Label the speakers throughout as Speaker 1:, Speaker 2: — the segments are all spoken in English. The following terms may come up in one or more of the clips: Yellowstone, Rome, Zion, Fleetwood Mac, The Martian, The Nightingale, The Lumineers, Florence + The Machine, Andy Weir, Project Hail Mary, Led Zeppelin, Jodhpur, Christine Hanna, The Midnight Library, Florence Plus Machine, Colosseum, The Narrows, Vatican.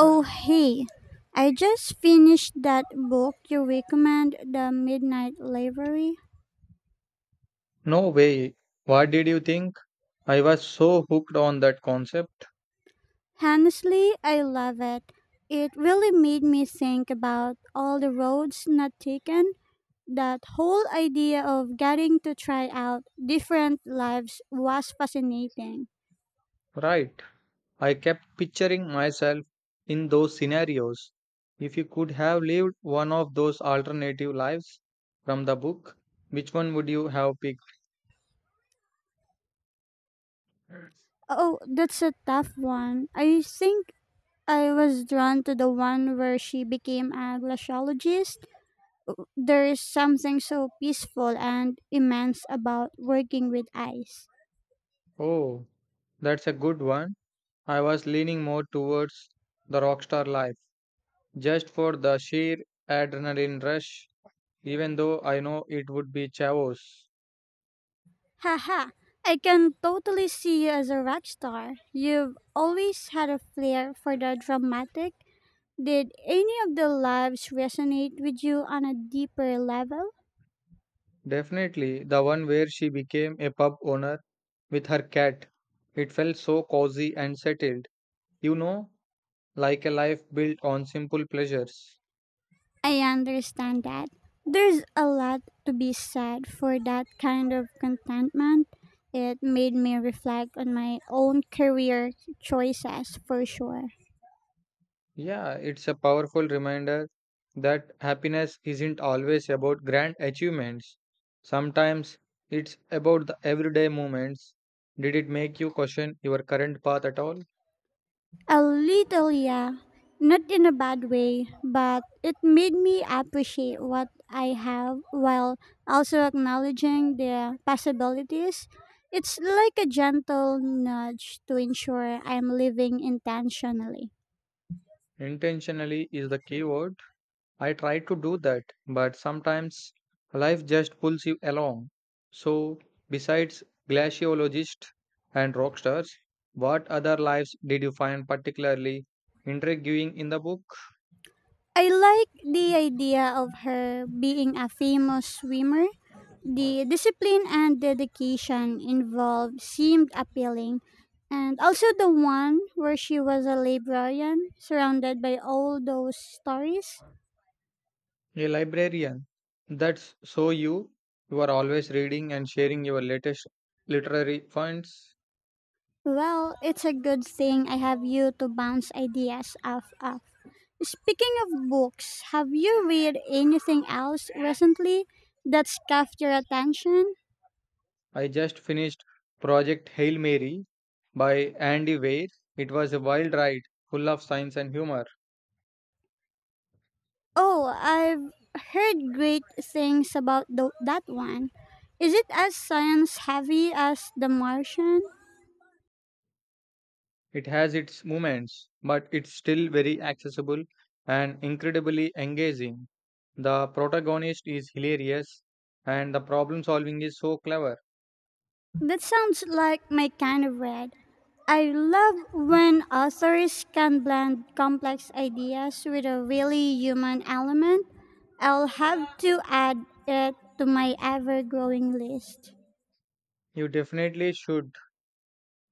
Speaker 1: Oh, hey, I just finished that book you recommend, The Midnight Library.
Speaker 2: No way. What did you think? I was so hooked on that concept.
Speaker 1: Honestly, I love it. It really made me think about all the roads not taken. That whole idea of getting to try out different lives was fascinating.
Speaker 2: Right. I kept picturing myself in those scenarios. If you could have lived one of those alternative lives from the book, which one would you have picked?
Speaker 1: Oh, that's a tough one. I think I was drawn to the one where she became a glaciologist. There is something so peaceful and immense about working with ice.
Speaker 2: Oh, that's a good one. I was leaning more towards the rockstar life, just for the sheer adrenaline rush, even though I know it would be Chavos.
Speaker 1: Haha, I can totally see you as a rock star. You've always had a flair for the dramatic. Did any of the loves resonate with you on a deeper level?
Speaker 2: Definitely the one where she became a pub owner with her cat. It felt so cozy and settled, you know, like a life built on simple pleasures.
Speaker 1: I understand that. There's a lot to be said for that kind of contentment. It made me reflect on my own career choices for sure.
Speaker 2: Yeah, it's a powerful reminder that happiness isn't always about grand achievements. Sometimes it's about the everyday moments. Did it make you question your current path at all?
Speaker 1: A little, yeah. Not in a bad way, but it made me appreciate what I have while also acknowledging the possibilities. It's like a gentle nudge to ensure I'm living intentionally.
Speaker 2: Intentionally is the key word. I try to do that, but sometimes life just pulls you along. So, besides glaciologists and rock stars, what other lives did you find particularly intriguing in the book?
Speaker 1: I like the idea of her being a famous swimmer. The discipline and dedication involved seemed appealing, and also the one where she was a librarian surrounded by all those stories.
Speaker 2: A librarian. That's so you. You are always reading and sharing your latest literary finds.
Speaker 1: Well, it's a good thing I have you to bounce ideas off of. Speaking of books, have you read anything else recently that's caught your attention?
Speaker 2: I just finished Project Hail Mary by Andy Weir. It was a wild ride, full of science and humor.
Speaker 1: Oh, I've heard great things about that one. Is it as science heavy as The Martian?
Speaker 2: It has its moments, but it's still very accessible and incredibly engaging. The protagonist is hilarious and the problem solving is so clever.
Speaker 1: That sounds like my kind of read. I love when authors can blend complex ideas with a really human element. I'll have to add it to my ever growing list.
Speaker 2: You definitely should.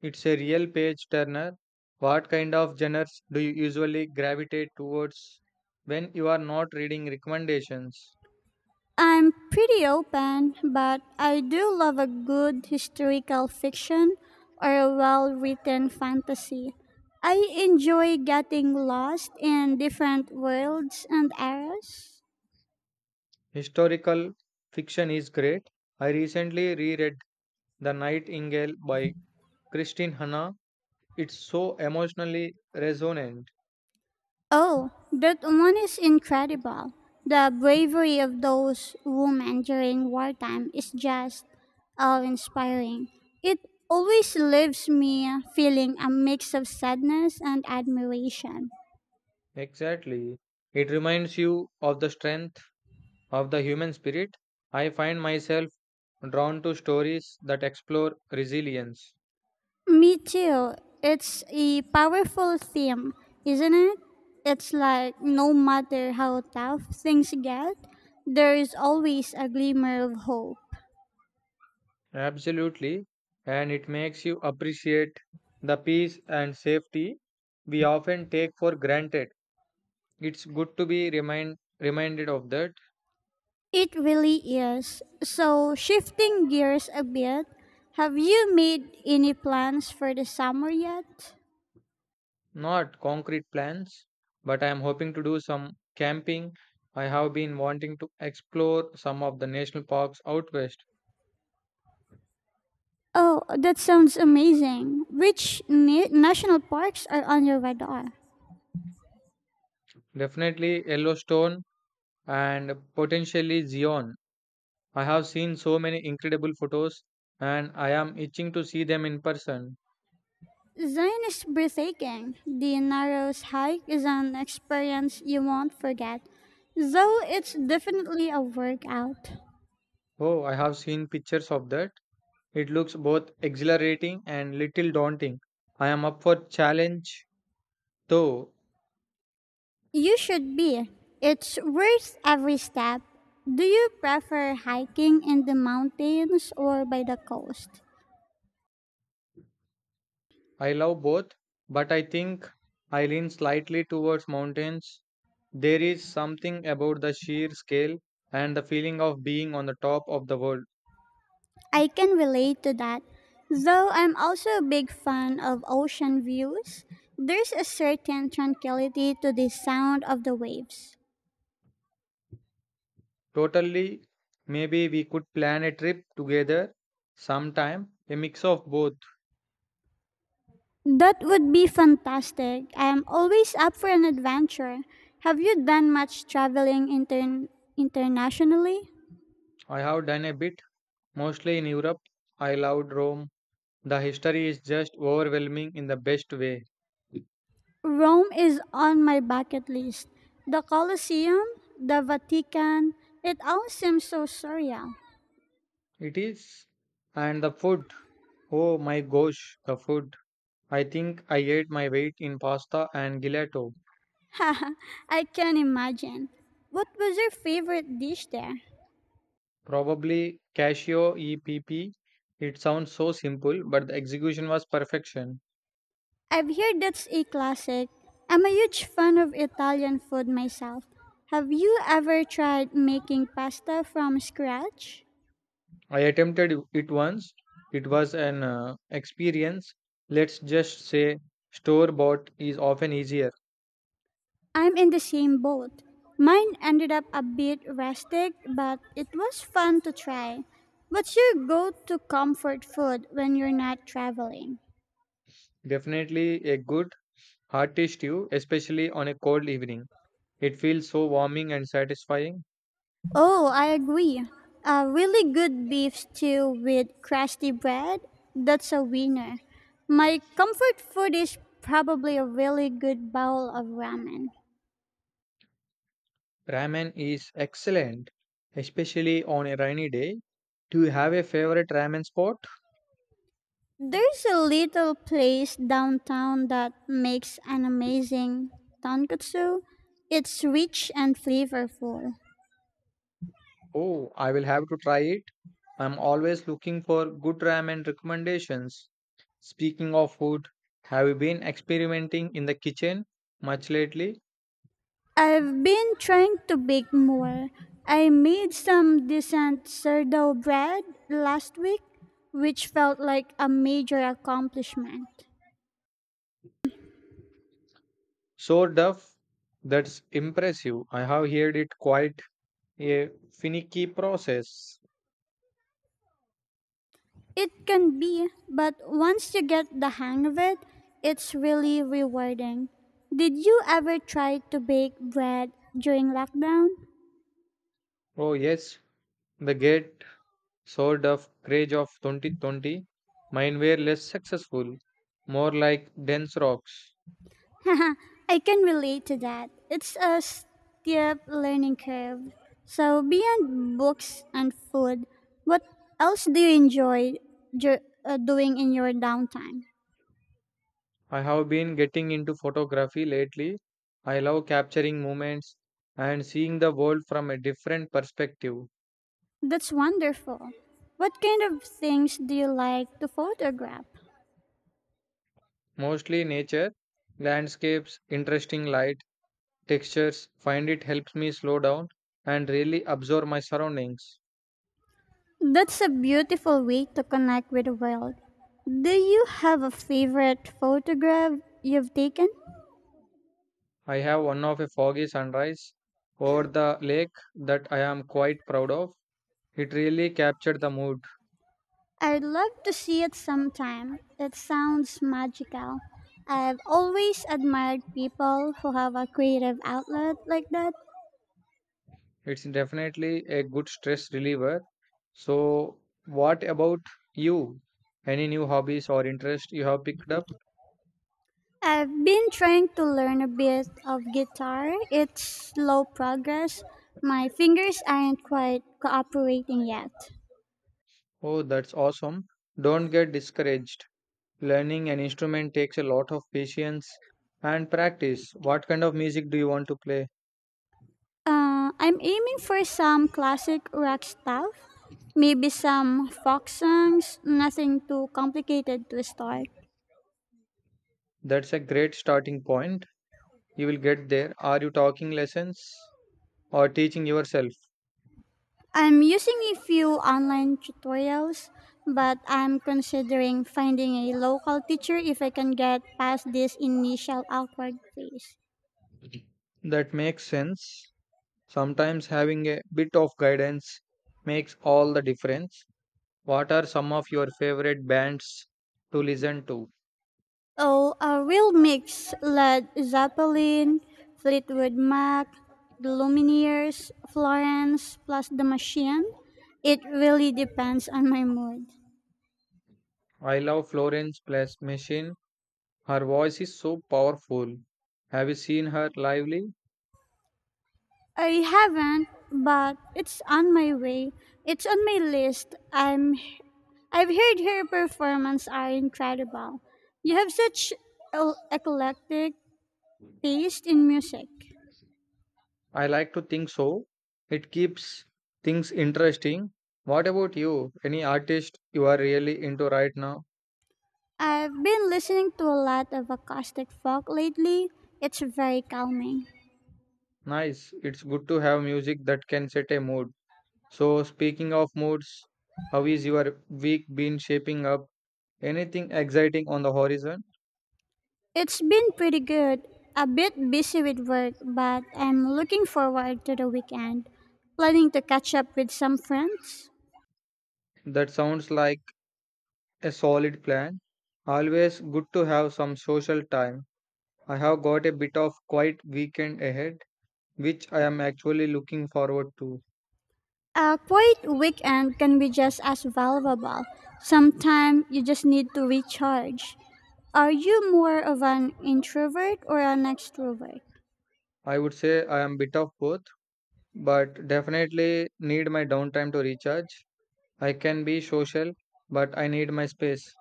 Speaker 2: It's a real page turner. What kind of genres do you usually gravitate towards when you are not reading recommendations?
Speaker 1: I'm pretty open, but I do love a good historical fiction or a well written fantasy. I enjoy getting lost in different worlds and eras.
Speaker 2: Historical fiction is great. I recently reread The Nightingale by Christine Hanna. It's so emotionally resonant.
Speaker 1: Oh, that one is incredible. The bravery of those women during wartime is just awe inspiring. It always leaves me feeling a mix of sadness and admiration.
Speaker 2: Exactly. It reminds you of the strength of the human spirit. I find myself drawn to stories that explore resilience.
Speaker 1: Me too. It's a powerful theme, isn't it? It's like no matter how tough things get, there is always a glimmer of hope.
Speaker 2: Absolutely. And it makes you appreciate the peace and safety we often take for granted. It's good to be reminded of that.
Speaker 1: It really is. So, shifting gears a bit, have you made any plans for the summer yet?
Speaker 2: Not concrete plans, but I am hoping to do some camping. I have been wanting to explore some of the national parks out west.
Speaker 1: Oh, that sounds amazing. Which national parks are on your radar?
Speaker 2: Definitely Yellowstone and potentially Zion. I have seen so many incredible photos and I am itching to see them in person.
Speaker 1: Zion is breathtaking. The Narrows hike is an experience you won't forget, though it's definitely a workout.
Speaker 2: Oh, I have seen pictures of that. It looks both exhilarating and little daunting. I am up for challenge though.
Speaker 1: You should be. It's worth every step. Do you prefer hiking in the mountains or by the coast?
Speaker 2: I love both, but I think I lean slightly towards mountains. There is something about the sheer scale and the feeling of being on the top of the world.
Speaker 1: I can relate to that. Though I'm also a big fan of ocean views, there's a certain tranquility to the sound of the waves.
Speaker 2: Totally. Maybe we could plan a trip together sometime, a mix of both.
Speaker 1: That would be fantastic. I am always up for an adventure. Have you done much traveling internationally?
Speaker 2: I have done a bit, mostly in Europe. I loved Rome. The history is just overwhelming in the best way.
Speaker 1: Rome is on my bucket list. The Colosseum, the Vatican, it all seems so surreal.
Speaker 2: It is. And the food. Oh my gosh, the food. I think I ate my weight in pasta and gelato.
Speaker 1: Haha, I can imagine. What was your favorite dish there?
Speaker 2: Probably cashew EPP. It sounds so simple, but the execution was perfection.
Speaker 1: I've heard that's a classic. I'm a huge fan of Italian food myself. Have you ever tried making pasta from scratch?
Speaker 2: I attempted it once. It was an experience. Let's just say store bought is often easier.
Speaker 1: I'm in the same boat. Mine ended up a bit rustic, but it was fun to try. What's your go to comfort food when you're not traveling?
Speaker 2: Definitely a good hearty stew, especially on a cold evening. It feels so warming and satisfying.
Speaker 1: Oh, I agree. A really good beef stew with crusty bread? That's a winner. My comfort food is probably a really good bowl of ramen.
Speaker 2: Ramen is excellent, especially on a rainy day. Do you have a favorite ramen spot?
Speaker 1: There's a little place downtown that makes an amazing tonkatsu. It's rich and flavorful.
Speaker 2: Oh, I will have to try it. I'm always looking for good ramen recommendations. Speaking of food, have you been experimenting in the kitchen much lately?
Speaker 1: I've been trying to bake more. I made some decent sourdough bread last week, which felt like a major accomplishment.
Speaker 2: So duff, that's impressive. I have heard it quite a finicky process.
Speaker 1: It can be, but once you get the hang of it, it's really rewarding. Did you ever try to bake bread during lockdown?
Speaker 2: Oh yes, the great so duff craze of 2020. Mine were less successful, more like dense rocks.
Speaker 1: I can relate to that. It's a steep learning curve. So, beyond books and food, what else do you enjoy ju- doing in your downtime?
Speaker 2: I have been getting into photography lately. I love capturing moments and seeing the world from a different perspective.
Speaker 1: That's wonderful. What kind of things do you like to photograph?
Speaker 2: Mostly nature, landscapes, interesting light, textures. Find it helps me slow down and really absorb my surroundings.
Speaker 1: That's a beautiful way to connect with the world. Do you have a favorite photograph you've taken?
Speaker 2: I have one of a foggy sunrise over the lake that I am quite proud of. It really captured the mood.
Speaker 1: I'd love to see it sometime. It sounds magical. I've always admired people who have a creative outlet like that.
Speaker 2: It's definitely a good stress reliever. So, what about you? Any new hobbies or interest you have picked up?
Speaker 1: I've been trying to learn a bit of guitar. It's slow progress. My fingers aren't quite cooperating yet.
Speaker 2: Oh, that's awesome. Don't get discouraged. Learning an instrument takes a lot of patience and practice. What kind of music do you want to play?
Speaker 1: I'm aiming for some classic rock stuff, maybe some folk songs, nothing too complicated to start.
Speaker 2: That's a great starting point. You will get there. Are you talking lessons or teaching yourself?
Speaker 1: I'm using a few online tutorials, but I'm considering finding a local teacher if I can get past this initial awkward phase.
Speaker 2: That makes sense. Sometimes having a bit of guidance makes all the difference. What are some of your favorite bands to listen to?
Speaker 1: Oh, a real mix led Zeppelin, Fleetwood Mac, The Lumineers, Florence, plus The Machine. It really depends on my mood.
Speaker 2: I love Florence Plus Machine. Her voice is so powerful. Have you seen her lively?
Speaker 1: I haven't, but it's on my way. It's on my list. I've heard her performances are incredible. You have such eclectic taste in music.
Speaker 2: I like to think so. It keeps things interesting. What about you? Any artist you are really into right now?
Speaker 1: I've been listening to a lot of acoustic folk lately. It's very calming.
Speaker 2: Nice. It's good to have music that can set a mood. So, speaking of moods, how is your week been shaping up? Anything exciting on the horizon?
Speaker 1: It's been pretty good. A bit busy with work, but I'm looking forward to the weekend. Planning to catch up with some friends.
Speaker 2: That sounds like a solid plan. Always good to have some social time. I have got a bit of quiet weekend ahead, which I am actually looking forward to.
Speaker 1: A quiet weekend can be just as valuable. Sometimes you just need to recharge. Are you more of an introvert or an extrovert?
Speaker 2: I would say I am bit of both but definitely need my downtime to recharge. I can be social, but I need my space.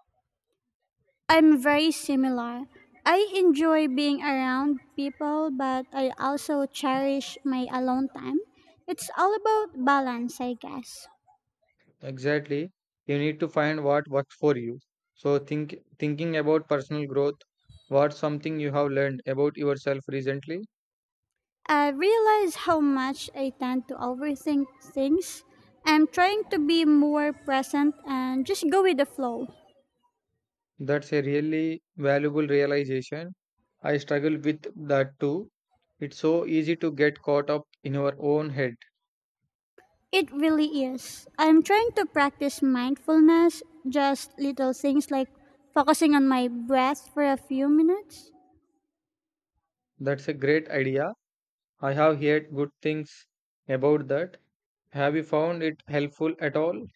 Speaker 1: I'm very similar. I enjoy being around people, but I also cherish my alone time. It's all about balance, I guess.
Speaker 2: Exactly. You need to find what works for you. So thinking about personal growth, what's something you have learned about yourself recently?
Speaker 1: I realize how much I tend to overthink things. I'm trying to be more present and just go with the flow.
Speaker 2: That's a really valuable realization. I struggle with that too. It's so easy to get caught up in our own head.
Speaker 1: It really is. I'm trying to practice mindfulness, just little things like focusing on my breath for a few minutes.
Speaker 2: That's a great idea. I have heard good things about that. Have you found it helpful at all?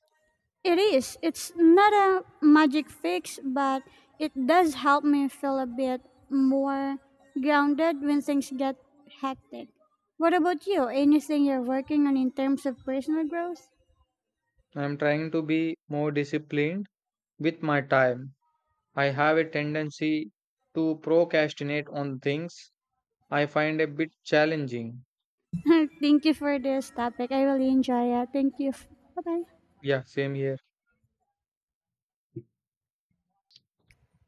Speaker 1: It is. It's not a magic fix, but it does help me feel a bit more grounded when things get hectic. What about you? Anything you're working on in terms of personal growth?
Speaker 2: I'm trying to be more disciplined with my time. I have a tendency to procrastinate on things I find a bit challenging.
Speaker 1: Thank you for this topic. I really enjoy it. Thank you. Bye bye.
Speaker 2: Yeah, same here.